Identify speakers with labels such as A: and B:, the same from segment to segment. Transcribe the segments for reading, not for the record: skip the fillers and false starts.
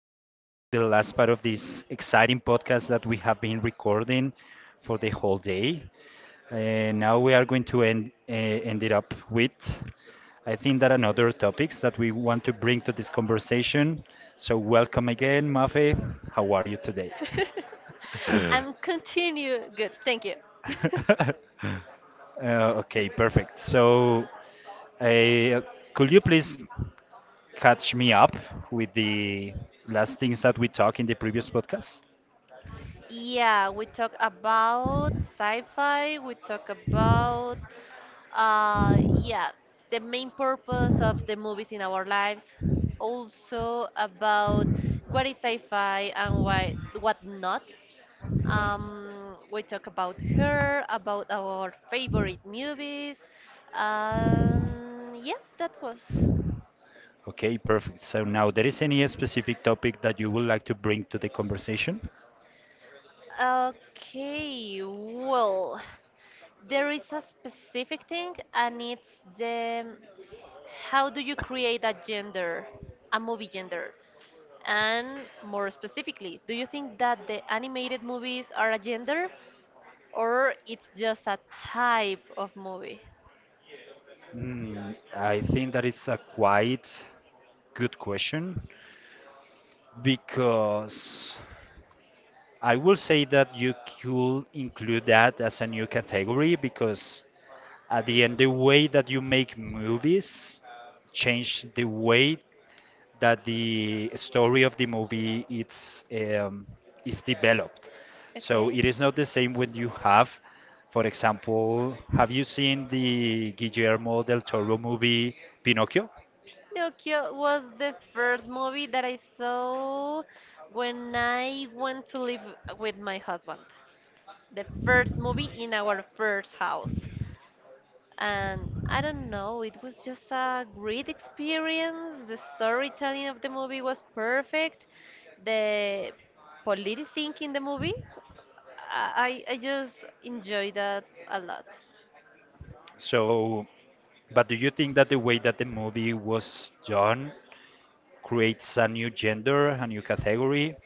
A: guys to the last part of this exciting podcast that we have been recording for the whole day. And now we are going to end it up with I think that another topics that we want to bring to this conversation. So welcome again, Mafe. How are you today?
B: I'm continue. Good, thank you.
A: Okay, perfect. So, uh, could you please catch me up with the last things that we talked in the previous podcast?
B: Yeah, we talk about sci-fi, we talk about yeah, the main purpose of the movies in our lives, also about what is sci-fi and why what not. We talk about her, about our favorite movies. Yeah, that was.
A: Okay, perfect. So now, there is any specific topic that you would like to bring to the conversation?
B: Okay, well. There is a specific thing, and it's the how do you create a gender, a movie gender? And more specifically, do you think that the animated movies are a gender or it's just a type of movie?
A: I think that is a quite good question because I will say that you could include that as a new category because at the end, the way that you make movies change the way that the story of the movie it's is developed. So
B: Okay.
A: it is not the same when you have, for example, have you seen the Guillermo del Toro movie Pinocchio?
B: Pinocchio was the first movie that I saw when I went to live with my husband. The first movie in our first house. And I don't know, it was just a great experience. The storytelling of the movie was perfect. The political thing in the movie, I just enjoyed that a lot.
A: So, but do you think that the way that the movie was done creates a new gender, a new category?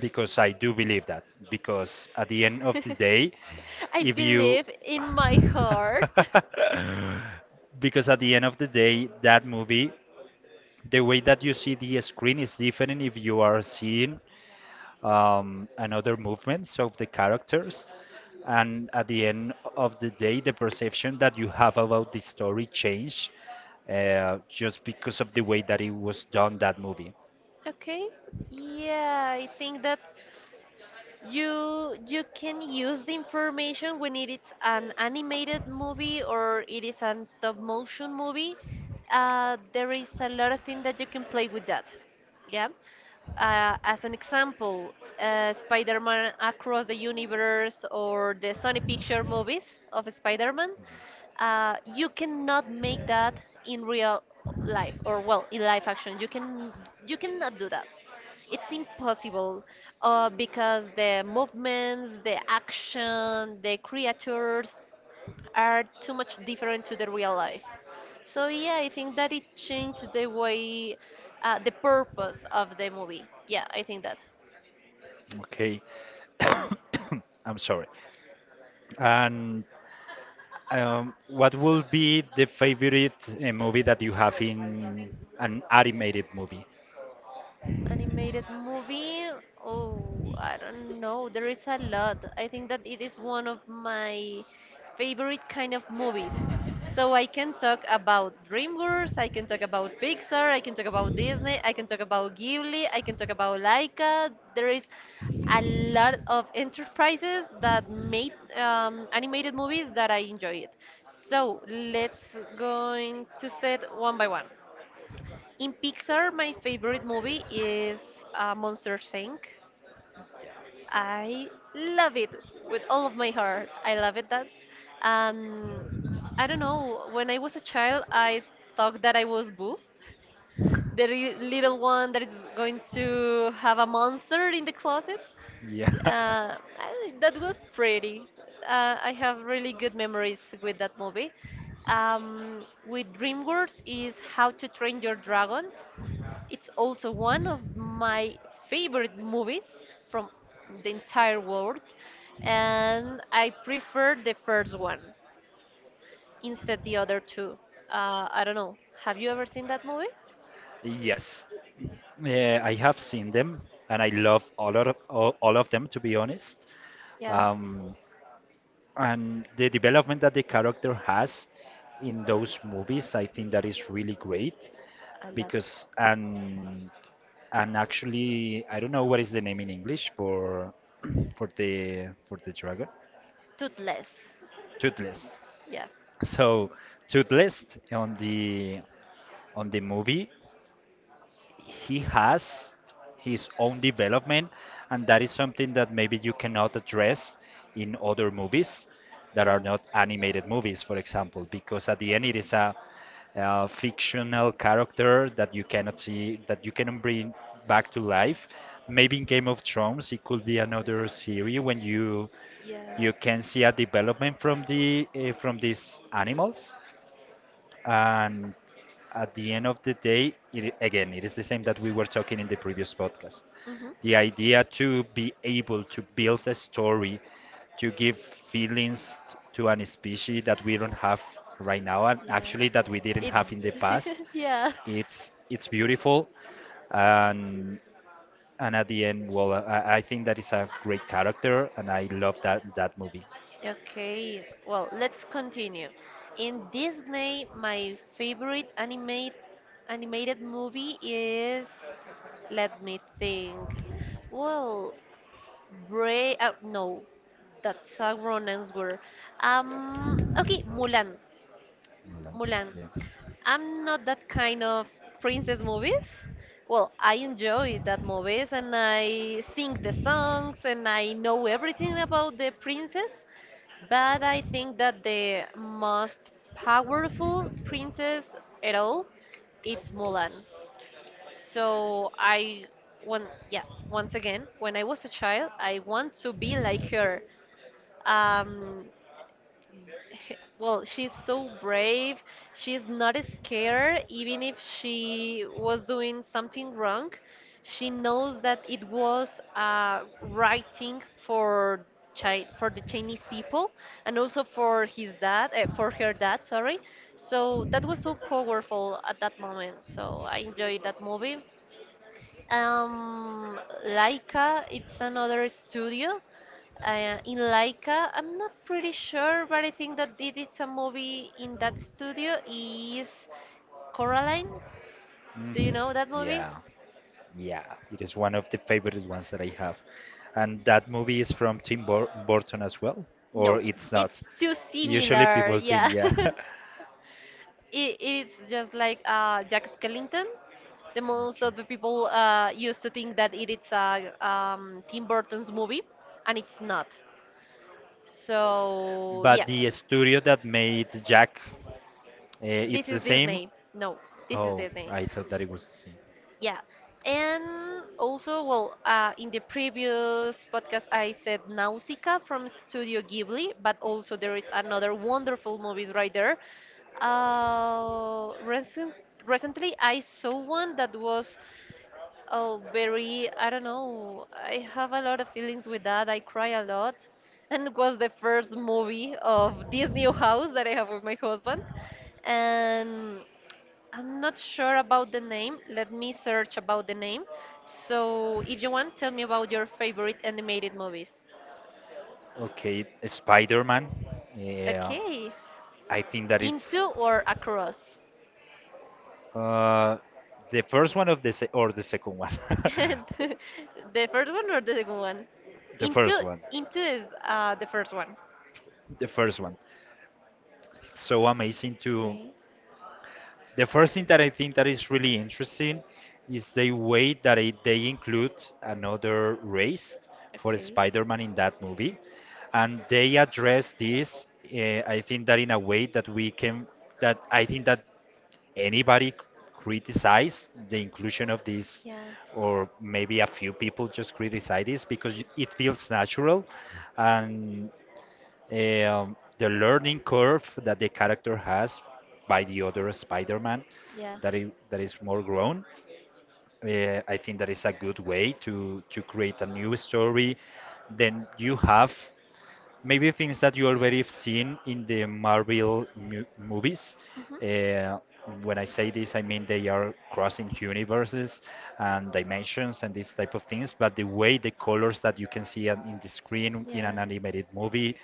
A: Because I do believe that. Because at the end of the day,
B: I
A: if you
B: believe in my heart.
A: because at the end of the day that movie the way that you see the screen is different if you are seeing another movements of the characters, and at the end of the day the perception that you have about the story change just because of the way that it was done that movie.
B: Okay. Yeah, I think that you can use the information when it is an animated movie or it is an stop motion movie. There is a lot of things that you can play with that. Yeah. As an example, Spider-Man Across the Universe or the Sony Picture movies of Spider-Man, you cannot make that in real life or well in live action. You cannot do that. It's impossible because the movements, the action, the creatures are too much different to the real life. So yeah, I think that it changed the way, the purpose of the movie. Yeah, I think that.
A: Okay. I'm sorry. And what would be the favorite movie that you have in an animated movie?
B: Animated movie? Oh, I don't know. There is a lot. I think that it is one of my favorite kind of movies. So I can talk about DreamWorks, I can talk about Pixar, I can talk about Disney, I can talk about Ghibli, I can talk about Laika. There is a lot of enterprises that made animated movies that I enjoy it. So let's going to set one by one. In Pixar, my favorite movie is Monster Inc. I love it with all of my heart. I love it that. Um, I don't know. When I was a child, I thought that I was Boo, the little one that is going to have a monster in the closet.
A: Yeah.
B: That was pretty. I have really good memories with that movie. With DreamWorks is How to Train Your Dragon. It's also one of my favorite movies from the entire world, and I prefer the first one instead the other two. I don't know. Have you ever seen that movie?
A: Yes. Yeah, I have seen them and I love all of them to be honest.
B: Yeah,
A: Um, and the development that the character has in those movies, I think that is really great
B: I love
A: because and actually I don't know what is the name in English for for the dragon,
B: Toothless.
A: toothless.
B: Yeah,
A: So toothless on the movie, he has his own development, and that is something that maybe you cannot address in other movies that are
B: yeah,
A: not animated movies, for example, because at the end it is a fictional character that you cannot see, that you cannot bring back to life. Maybe in Game of Thrones it could be another series when you
B: yeah.
A: you can see a development from the from these animals, and at the end of the day, it, again, it is the same that we were talking in the previous podcast.
B: Mhm.
A: The idea to be able to build a story to give feelings to an species that we don't have right now, and
B: Yeah.
A: actually that we didn't
B: It.
A: have in the past.
B: Yeah.
A: It's beautiful, and at the end, well, I think that is a great character, and I love that movie.
B: Okay, well, let's continue. In Disney, my favorite animated movie is, let me think. Well, Brave, no, that's a wrong answer. Okay, Mulan,
A: Mulan.
B: Mulan.
A: Yeah.
B: I'm not that kind of princess movies. Well, I enjoy that movies and I sing the songs and I know everything about the princess, but I think that the most powerful princess at all it's Mulan. So I when yeah, once again, when I was a child, I want to be like her. Um, Well, she's so brave. She's not scared, even if she was doing something wrong. She knows that it was a right thing for Chi for the Chinese people and also for his dad, for her dad, sorry. So that was so powerful at that moment. So I enjoyed that movie. Um, Laika, it's another studio. In Laika, I'm not pretty sure, but I think that it is a movie in that studio is Coraline. Do you
A: Mm,
B: know that movie?
A: yeah. Yeah, it is one of the favorite ones that I have. And that movie is from Burton as well, or
B: No,
A: it's not.
B: it's too
A: Usually
B: similar.
A: people
B: Yeah,
A: think,
B: it,
A: yeah.
B: it's just like Jack Skellington. The most of the people used to think that it is a Tim Burton's movie, and it's not. So
A: But
B: yeah.
A: the studio that made Jack, uh,
B: This
A: it's the
B: is
A: same?
B: Disney. No, this is
A: Oh,
B: Disney.
A: I thought that it was the same.
B: Yeah. And also, well, in the previous podcast, I said Nausicaa from Studio Ghibli, but also there is another wonderful movies right there. Uh, recent, Recently, I saw one that was oh, very, I don't know, I have a lot of feelings with that. I cry a lot. And it was the first movie of this new house that I have with my husband. And I'm not sure about the name. Let me search about the name. So, if you want, tell me about your favorite animated movies.
A: Okay, Spider-Man. Yeah,
B: Okay.
A: I think that
B: Into
A: it's
B: or across?
A: uh, the first one of the se or the second one.
B: The first one or the second one?
A: The
B: Into,
A: first one.
B: is the first one.
A: The first one. It's so amazing to.
B: Okay.
A: The first thing that I think that is really interesting is the way that it, they include another race for
B: Okay.
A: Spider-Man in that movie, and they address this. I think that in a way that we can, that I think that anybody c- criticize the inclusion of this,
B: Yeah.
A: or maybe a few people just criticize this because it feels natural, and the learning curve that the character has by the other Spider-Man
B: Yeah.
A: that is more grown. I think that is a good way to create a new story. Then you have maybe things that you already have seen in the Marvel mu movies.
B: Mhm.
A: Uh, when I say this, I mean they are crossing universes and dimensions and these type of things. But the way the colors that you can see in the screen in
B: Yeah.
A: an animated movie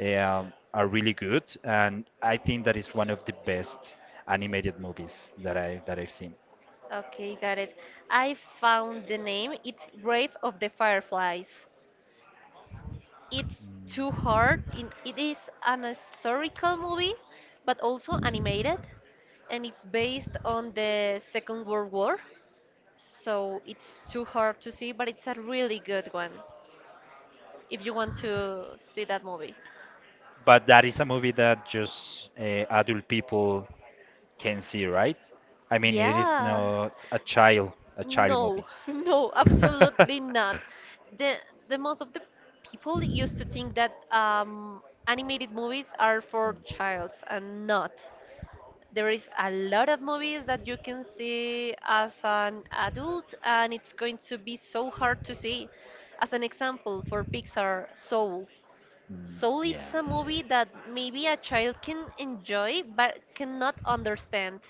A: are really good, and I think that is one of the best animated movies that I've seen.
B: Okay, got it. I found the name. It's Grave of the Fireflies. It's too hard. It is an historical movie, but also animated, and it's based on the Second World War. So it's too hard to see, but it's a really good one if you want to see that movie.
A: But that is a movie that just adult people can see, right? I mean, it is
B: Yeah.
A: not a child
B: No,
A: movie.
B: no, absolutely not. The the most of the people used to think that animated movies are for childs and not. There is a lot of movies that you can see as an adult, and it's going to be so hard to see. As an example, for Pixar, Soul.
A: Mm,
B: Soul
A: yeah.
B: it's a movie that maybe a child can enjoy but cannot understand,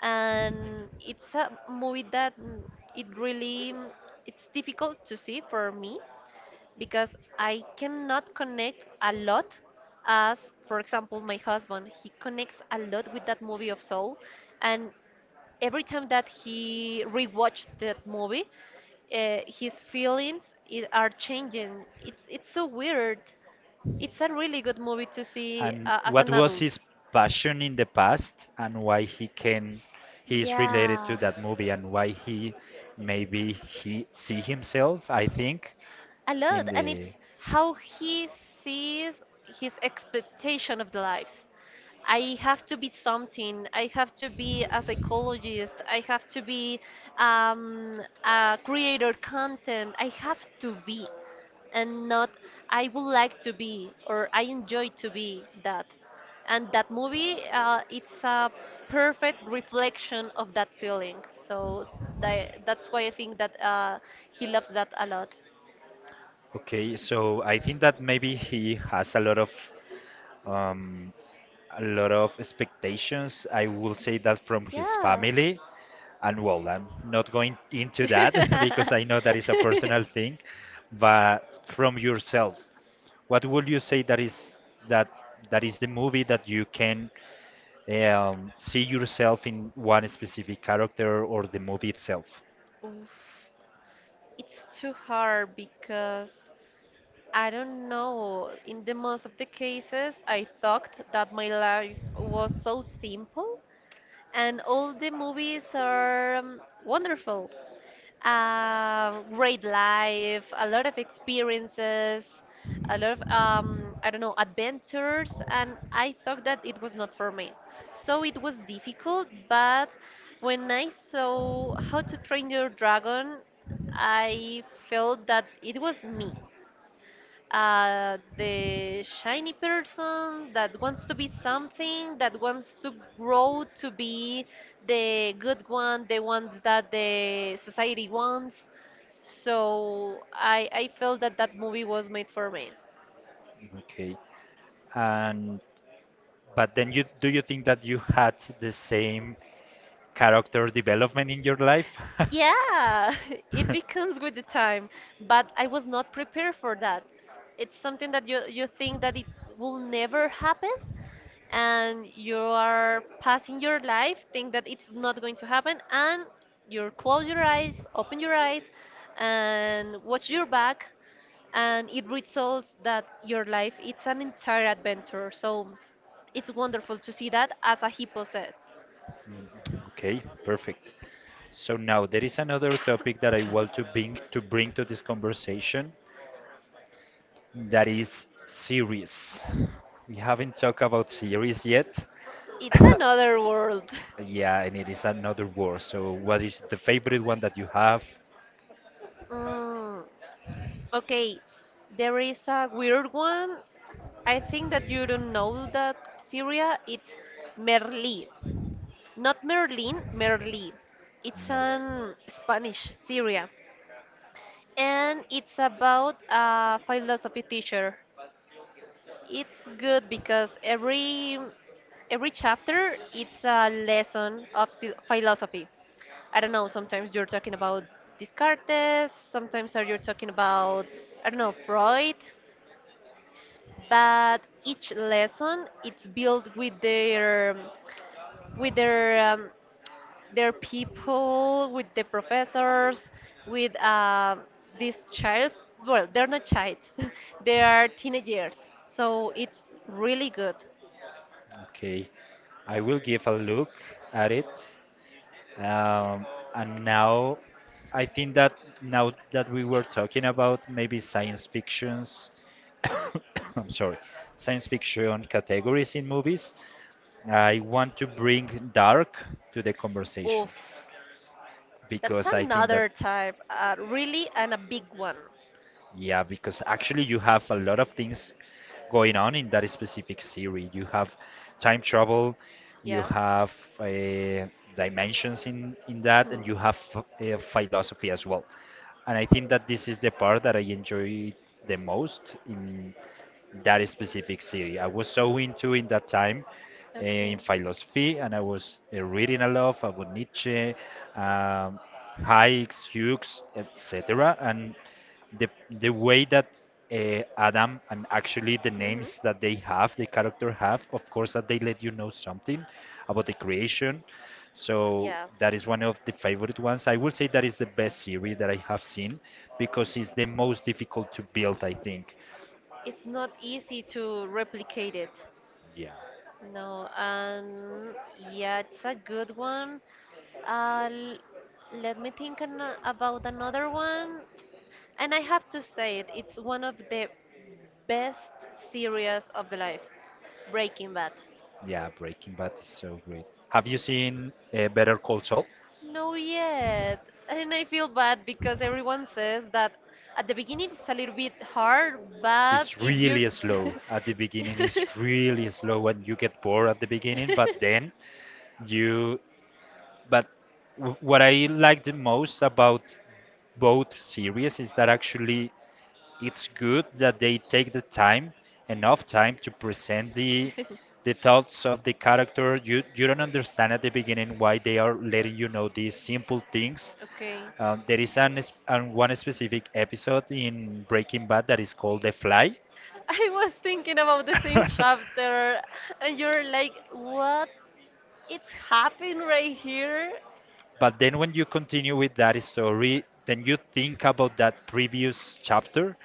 B: and it's a movie that it really it's difficult to see for me because I cannot connect a lot, as for example my husband, he connects a lot with that movie of Soul. And every time that he rewatched that movie, his feelings are changing. It's so weird. It's a really good movie to see,
A: And
B: as
A: what
B: an
A: was
B: adult.
A: his passion in the past and why he can he is related to
B: Yeah,
A: that movie and why he maybe he see himself, I think,
B: a
A: in
B: lot, and
A: the.
B: it's how he sees his expectation of the lives. I have to be something, I have to be a psychologist, I have to be a creator content, I have to be, and not. I would like to be, or I enjoy to be that. And that movie, it's a perfect reflection of that feeling. So that's why I think that he loves that a lot.
A: Okay, so I think that maybe he has um a lot of expectations. I will say that from his
B: Yeah.
A: family. And well, I'm not going into that because I know that is a personal thing, but from yourself, what would you say that is that that is the movie that you can see yourself in one specific character or the movie itself?
B: Oof. It's too hard because I don't know. In the most of the cases, I thought that my life was so simple, and all the movies are wonderful. Great life, a lot of experiences, a lot of, I don't know, adventures. And I thought that it was not for me. So it was difficult, but when I saw How to Train Your Dragon, I felt that it was me, the shiny person that wants to be something, that wants to grow to be the good one, the ones that the society wants. So I felt that that movie was made for me.
A: Okay. And but then you do you think that you had the same character development in your life?
B: Yeah, it becomes with the time, but I was not prepared for that. It's something that you think that it will never happen, and you are passing your life think that it's not going to happen, and you close your eyes, open your eyes, and watch your back, and it results that your life it's an entire adventure. So it's wonderful to see that, as a hippo said.
A: Mm. Okay, perfect. So now there is another topic that I want to bring to this conversation. That is series. We haven't talked about series yet.
B: It's another world.
A: Yeah, and it is another word. So, what is the favorite one that you have?
B: mm, okay, there is a weird one. I think that you don't know that syria, it's Merli. Not Merlin, Merli. It's
A: No.
B: an Spanish, Syria. And it's about a philosophy teacher. It's good because every chapter it's a lesson of philosophy. I don't know, sometimes you're talking about Descartes, sometimes are you talking about, I don't know, Freud, but each lesson it's built with their people, with the professors, with these childs. Well, they're not child, they are teenagers. So it's really good.
A: Okay. I will give a look at it. Um, and now, I think that now that we were talking about maybe science fictions, I'm sorry, science fiction categories in movies, I want to bring dark to the conversation
B: Oof, that's
A: because I think that.
B: another type, really, and a big one.
A: Yeah, because actually you have a lot of things going on in that specific series. You have time travel, you
B: Yeah.
A: have uh, dimensions in that, and
B: Hmm.
A: you have philosophy as well. And I think that this is the part that I enjoyed the most in that specific series. I was so into in that time
B: Okay.
A: in philosophy, and I was reading a lot about Nietzsche, um, Hayek, Hughes, etc. And the way that Adam, and actually the
B: Hmm.
A: names that they have, the character have, of course that they let you know something about the creation. So
B: Yeah.
A: that is one of the favorite ones. I would say that is the best series that I have seen because it's the most difficult to build, I think.
B: It's not easy to replicate it.
A: Yeah,
B: No, and yeah, it's a good one. Uh, l- Let me think about another one. And I have to say it, it's one of the best series of the life, Breaking Bad.
A: yeah, Breaking Bad is so great. Have you seen Better Call Saul?
B: No, yet. And I feel bad because everyone says that at the beginning it's a little bit hard, but
A: It's
B: if you
A: really slow at the beginning. It's really slow, and you get bored at the beginning. But then you. But what I like the most about both series is that actually it's good that they take the time, enough time to present the thoughts of the character. You don't understand at the beginning why they are letting you know these simple things.
B: okay.
A: There is an, es- an one specific episode in Breaking Bad that is called The Fly.
B: I was thinking about the same chapter, and you're like, what? It's happening right here?
A: But then when you continue with that story, then you think about that previous chapter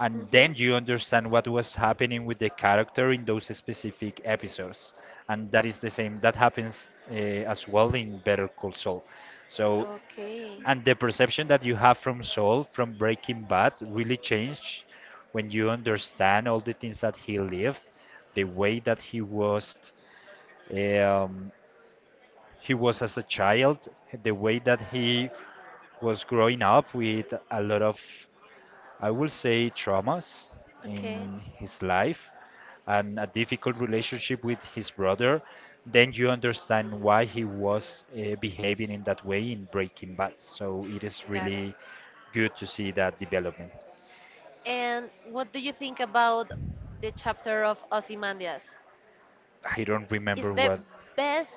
A: and
B: Mhm.
A: then you understand what was happening with the character in those specific episodes. And that is the same that happens as well in Better Call Saul. So
B: Okay.
A: and the perception that you have from Saul from Breaking Bad really changed when you understand all the things that he lived, the way that um, he was as a child, the way that he was growing up with a lot of, I will say, traumas
B: Okay.
A: in his life, and a difficult relationship with his brother, then you understand why he was behaving in that way in Breaking Bad. So it is
B: Got it.
A: really good to see that development.
B: And what do you think about the chapter of Ozymandias?
A: I don't
B: Is
A: remember
B: the
A: what.
B: best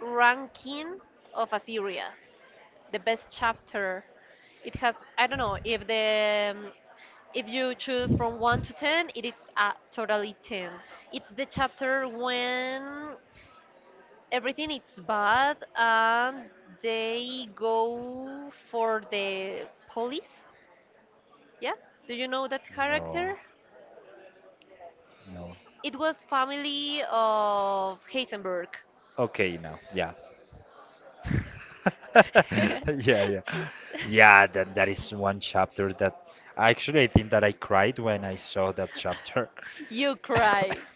B: ranking of Assyria, the best chapter. It has, I don't know, if you choose from 1 to 10, it is a totally 10. It's the chapter when everything is bad and they go for the police. Yeah, do you know that
A: No,
B: character?
A: no.
B: It was family of Heisenberg.
A: Okay, now, yeah. Yeah, yeah. Yeah, that, that is one chapter that actually I think that I cried when I saw that chapter.
B: You cry.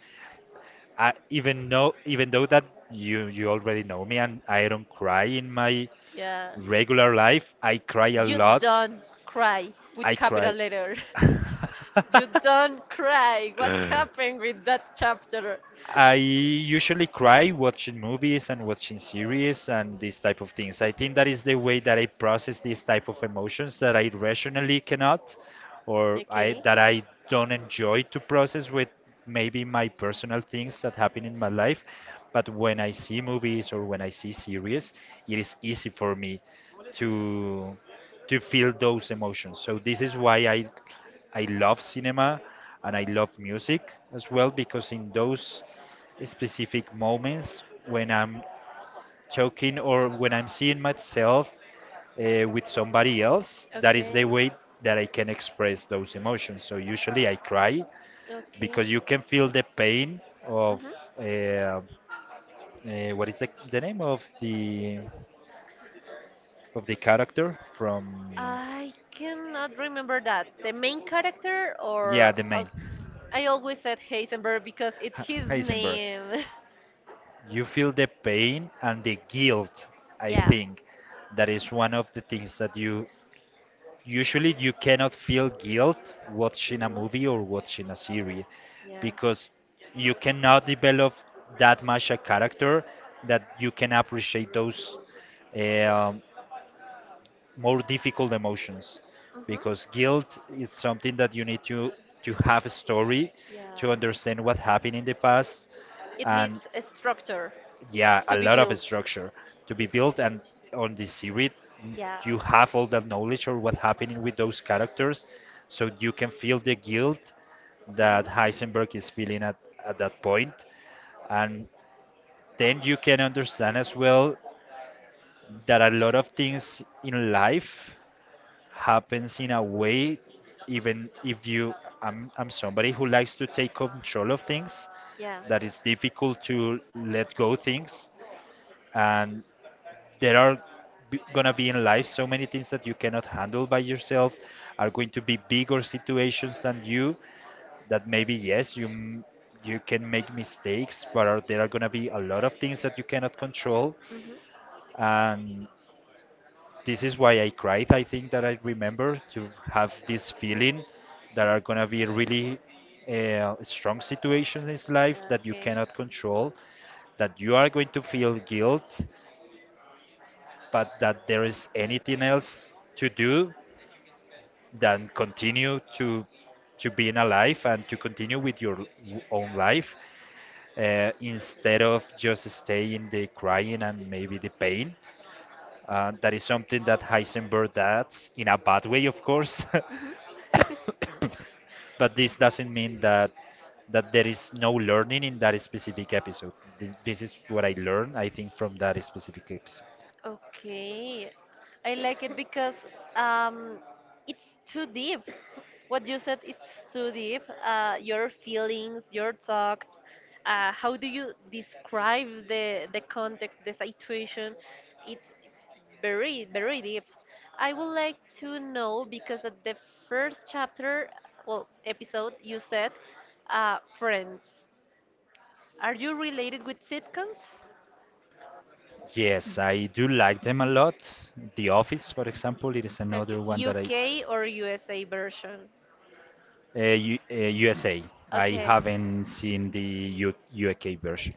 A: I even know, even though that you already know me and I don't cry in my
B: Yeah.
A: regular life, I cry a
B: You
A: lot.
B: don't cry with
A: I
B: capital
A: cry.
B: letter. You don't cry. What happened with that chapter?
A: I usually cry watching movies and watching series and these type of things. I think that is the way that I process these type of emotions that I rationally cannot or
B: Okay.
A: I don't enjoy to process with maybe my personal things that happen in my life. But when I see movies or when I see series, it is easy for me to to feel those emotions. So this is why I love cinema and I love music as well because in those specific moments when I'm talking or when I'm seeing myself with somebody else, that is the
B: Okay.
A: way that I can express those emotions. So usually I cry
B: Okay.
A: because you can feel the pain of
B: hmm
A: uh, uh, what is the name of the character from
B: I cannot remember that. The main character
A: yeah
B: or
A: the
B: oh,
A: main
B: I always said Heisenberg because it's his
A: Heisenberg.
B: name.
A: You feel the pain and the guilt. i
B: Yeah.
A: think that is one of the things that you usually you cannot feel guilt watching a
B: Mm-hmm.
A: movie or watching a series,
B: Yeah.
A: because you cannot develop that much a character that you can appreciate those um, more difficult emotions, because
B: Mm-hmm.
A: guilt is something that you need to have a story,
B: Yeah.
A: to understand what happened in the past,
B: It
A: and
B: needs a structure
A: yeah, a
B: to be
A: lot of
B: built.
A: structure to be built, and on the series,
B: Yeah.
A: you have all that knowledge of what's happening with those characters, so you can feel the guilt that
B: Mm-hmm.
A: Heisenberg is feeling at that point. And then you can understand as well that a lot of things in life happens in a way, even if you, I'm somebody who likes to take control of things,
B: Yeah.
A: that it's difficult to let go things. And there are gonna be in life so many things that you cannot handle by yourself. Are going to be bigger situations than you, that maybe yes you can make mistakes, there are gonna be a lot of things that you cannot control,
B: Mm-hmm.
A: and this is why I cried. I think that I remember to have this feeling that are gonna be really strong situations in life that you
B: Okay.
A: cannot control, that you are going to feel guilt, but that there is anything else to do than continue to being alive, and to continue with your own life, instead of just stay in the crying and maybe the pain. That is something that Heisenberg does in a bad way, of course,
B: Mhm.
A: but this doesn't mean that there is no learning in that specific episode. This is what I learned, I think, from that specific episode.
B: Okay. I like it because um, it's too deep. What you said it's too deep. Your feelings, your thoughts. How do you describe the context, the situation? It's very very deep. I would like to know because at the first chapter, well, episode, you said friends. Are you related with sitcoms?
A: Yes, I do like them a lot. The Office, for example, it is another
B: Okay,
A: one that I
B: UK or USA version?
A: USA. I
B: Okay.
A: haven't seen the UK version,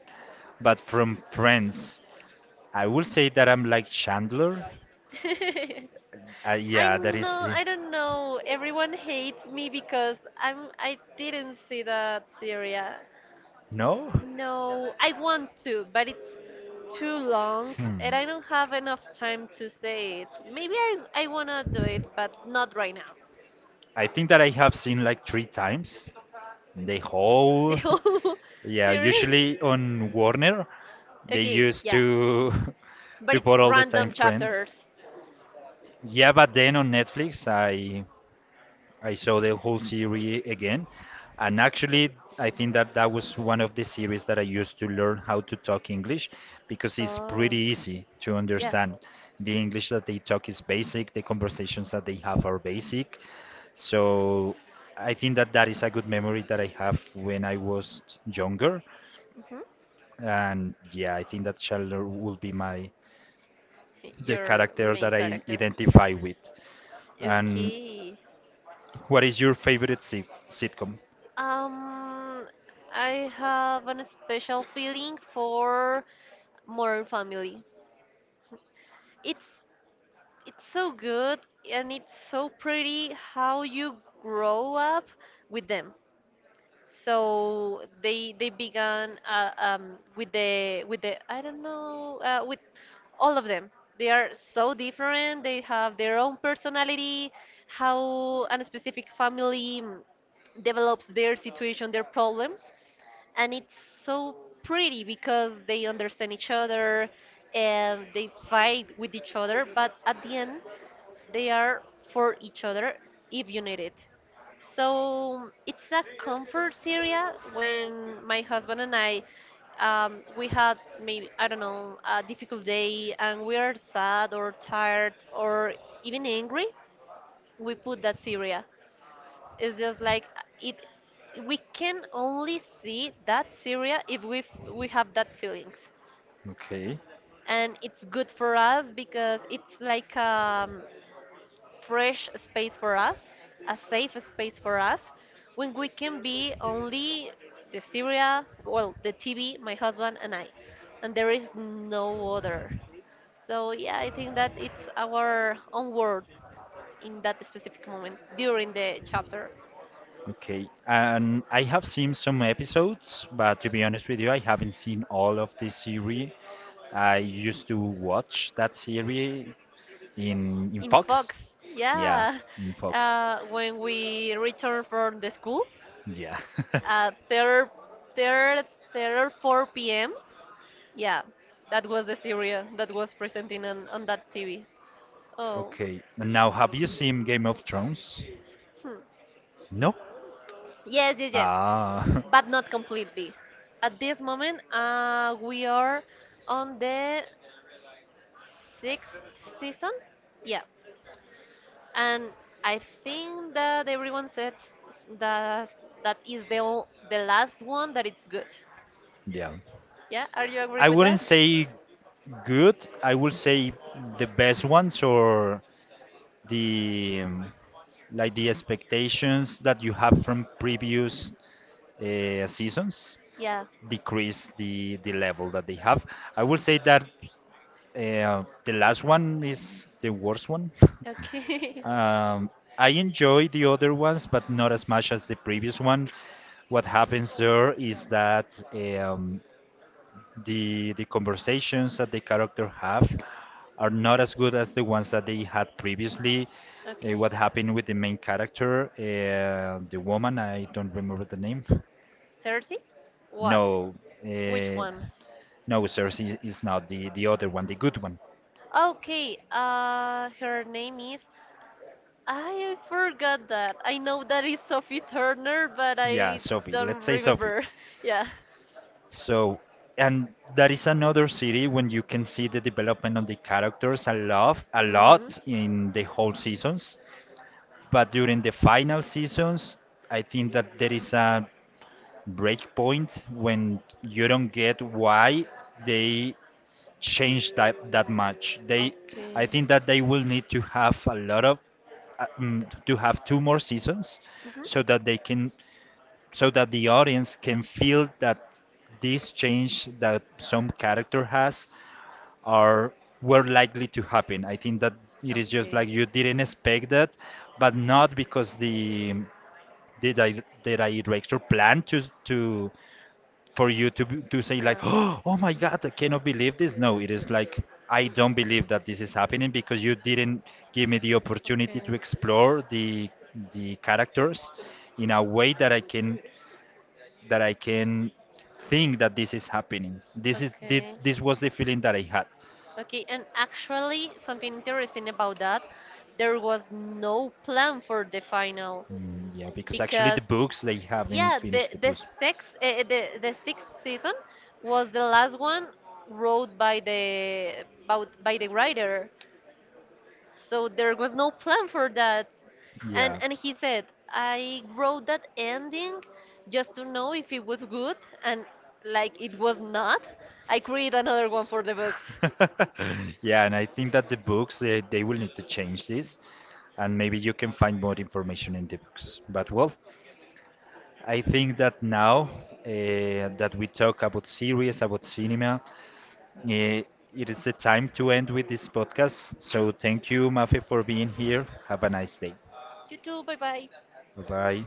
A: but from Friends, I will say that I'm like Chandler.
B: I
A: Yeah, that is
B: know
A: the
B: I don't know. Everyone hates me because I didn't see that Syria.
A: no.
B: No, I want to, but it's too long
A: Hmm.
B: and I don't have enough time to say it. Maybe I want to do it, but not right now.
A: I think that I have seen like three times the
B: The
A: whole.
B: whole
A: Yeah,
B: series.
A: usually on Warner, they
B: Okay,
A: used
B: yeah.
A: to
B: But
A: to put
B: it's
A: all the time
B: random
A: Friends.
B: chapters.
A: Yeah, but then on Netflix, I saw the whole series again, and actually, I think that that was one of the series that I used to learn how to talk English, because it's
B: Oh.
A: pretty easy to
B: Yeah.
A: understand. The English that they talk is basic, the conversations that they have are basic. So I think that that is a good memory that I have when I was younger.
B: Hmm.
A: And yeah, I think that Chandler will be my the
B: Your
A: character
B: main
A: that I
B: character.
A: identify with. And
B: Okay.
A: what is your favorite sitcom?
B: Um, I have a special feeling for Modern Family. It's it's so good, and it's so pretty how you grow up with them. So they began, with the I don't know, with all of them. They are so different. They have their own personality. How a specific family develops their situation, their problems, and it's so pretty because they understand each other and they fight with each other. But at the end, they are for each other if you need it. So it's a comfort area when my husband and I, we had, maybe, I don't know, a difficult day and we are sad or tired or even angry. We put that Syria. It's just like it. We can only see that Syria if we have that feelings,
A: Okay.
B: and it's good for us because it's like fresh space for us, a safe space for us, when we can be only the Syria, well, the TV, my husband, and I. And there is no other. So, yeah, I think that it's our own world in that specific moment during the chapter.
A: Okay, and I have seen some episodes, but to be honest with you, I haven't seen all of this series. I used to watch that series in
B: In
A: Fox.
B: Fox,
A: Yeah,
B: yeah.
A: in Fox.
B: When we return from the school
A: Yeah.
B: at 3 3 3 4 p.m. Yeah, that was the Syria that was presenting on that TV. Oh.
A: Okay, and now have you seen Game of Thrones?
B: Hmm.
A: No?
B: Yes, yes, yes.
A: Ah,
B: But not completely. At this moment, we are on the sixth season. Yeah. And I think that everyone says that that is the the last one that it's good.
A: yeah.
B: Yeah, are you agree
A: I
B: with
A: wouldn't
B: that?
A: say good. I would say the best ones, or the like the expectations that you have from previous seasons
B: Yeah.
A: decrease the level that they have. I will say that the last one is the worst one.
B: Okay.
A: Um, I enjoy the other ones, but not as much as the previous one. What happens there is that the conversations that the character have are not as good as the ones that they had previously.
B: Okay.
A: What happened with the main character, the woman, I don't remember the name.
B: Cersei? What?
A: No,
B: Which
A: uh,
B: one?
A: no, Cersei is not the the other one, the good one.
B: Okay, her name is. I forgot that. I know that is Sophie Turner, but
A: Yeah,
B: I
A: Sophie.
B: don't
A: Let's say Sophie.
B: remember. Yeah.
A: So, and that is another city when you can see the development on the characters a
B: Mhm.
A: lot in the whole seasons. But during the final seasons, I think that there is a break point when you don't get why they change that that much. I
B: Okay.
A: think that they will need to have a lot of to have 2 more seasons,
B: Mhm.
A: so that they can, so that the audience can feel that this change that some character has are were likely to happen. I think that it is just
B: Okay.
A: like you didn't expect that, but not because the did I director plan to for you to to say like
B: Yeah.
A: oh oh my god I cannot believe this? No, it is like I don't believe that this is happening, because you didn't give me the opportunity
B: Okay.
A: to explore the characters in a way that I can think that this is happening.
B: Okay.
A: This was the feeling that I had.
B: Okay, and actually, something interesting about that, there was no plan for the final,
A: Mm, yeah, because actually the
B: because,
A: books they haven't
B: yeah, the
A: finished the
B: the
A: books.
B: sixth uh, the the sixth season was the last one wrote by the about by the writer. So there was no plan for that. And
A: Yeah.
B: and he said, I wrote that ending just to know if it was good, and like it was not, I create another one for the books.
A: Yeah, and I think that the books they will need to change this, and maybe you can find more information in the books. But well, I think that now that we talk about series, about cinema, uh, it is the time to end with this podcast. So thank you, Mafe, for being here. Have a nice day.
B: You too, bye bye.
A: Bye bye.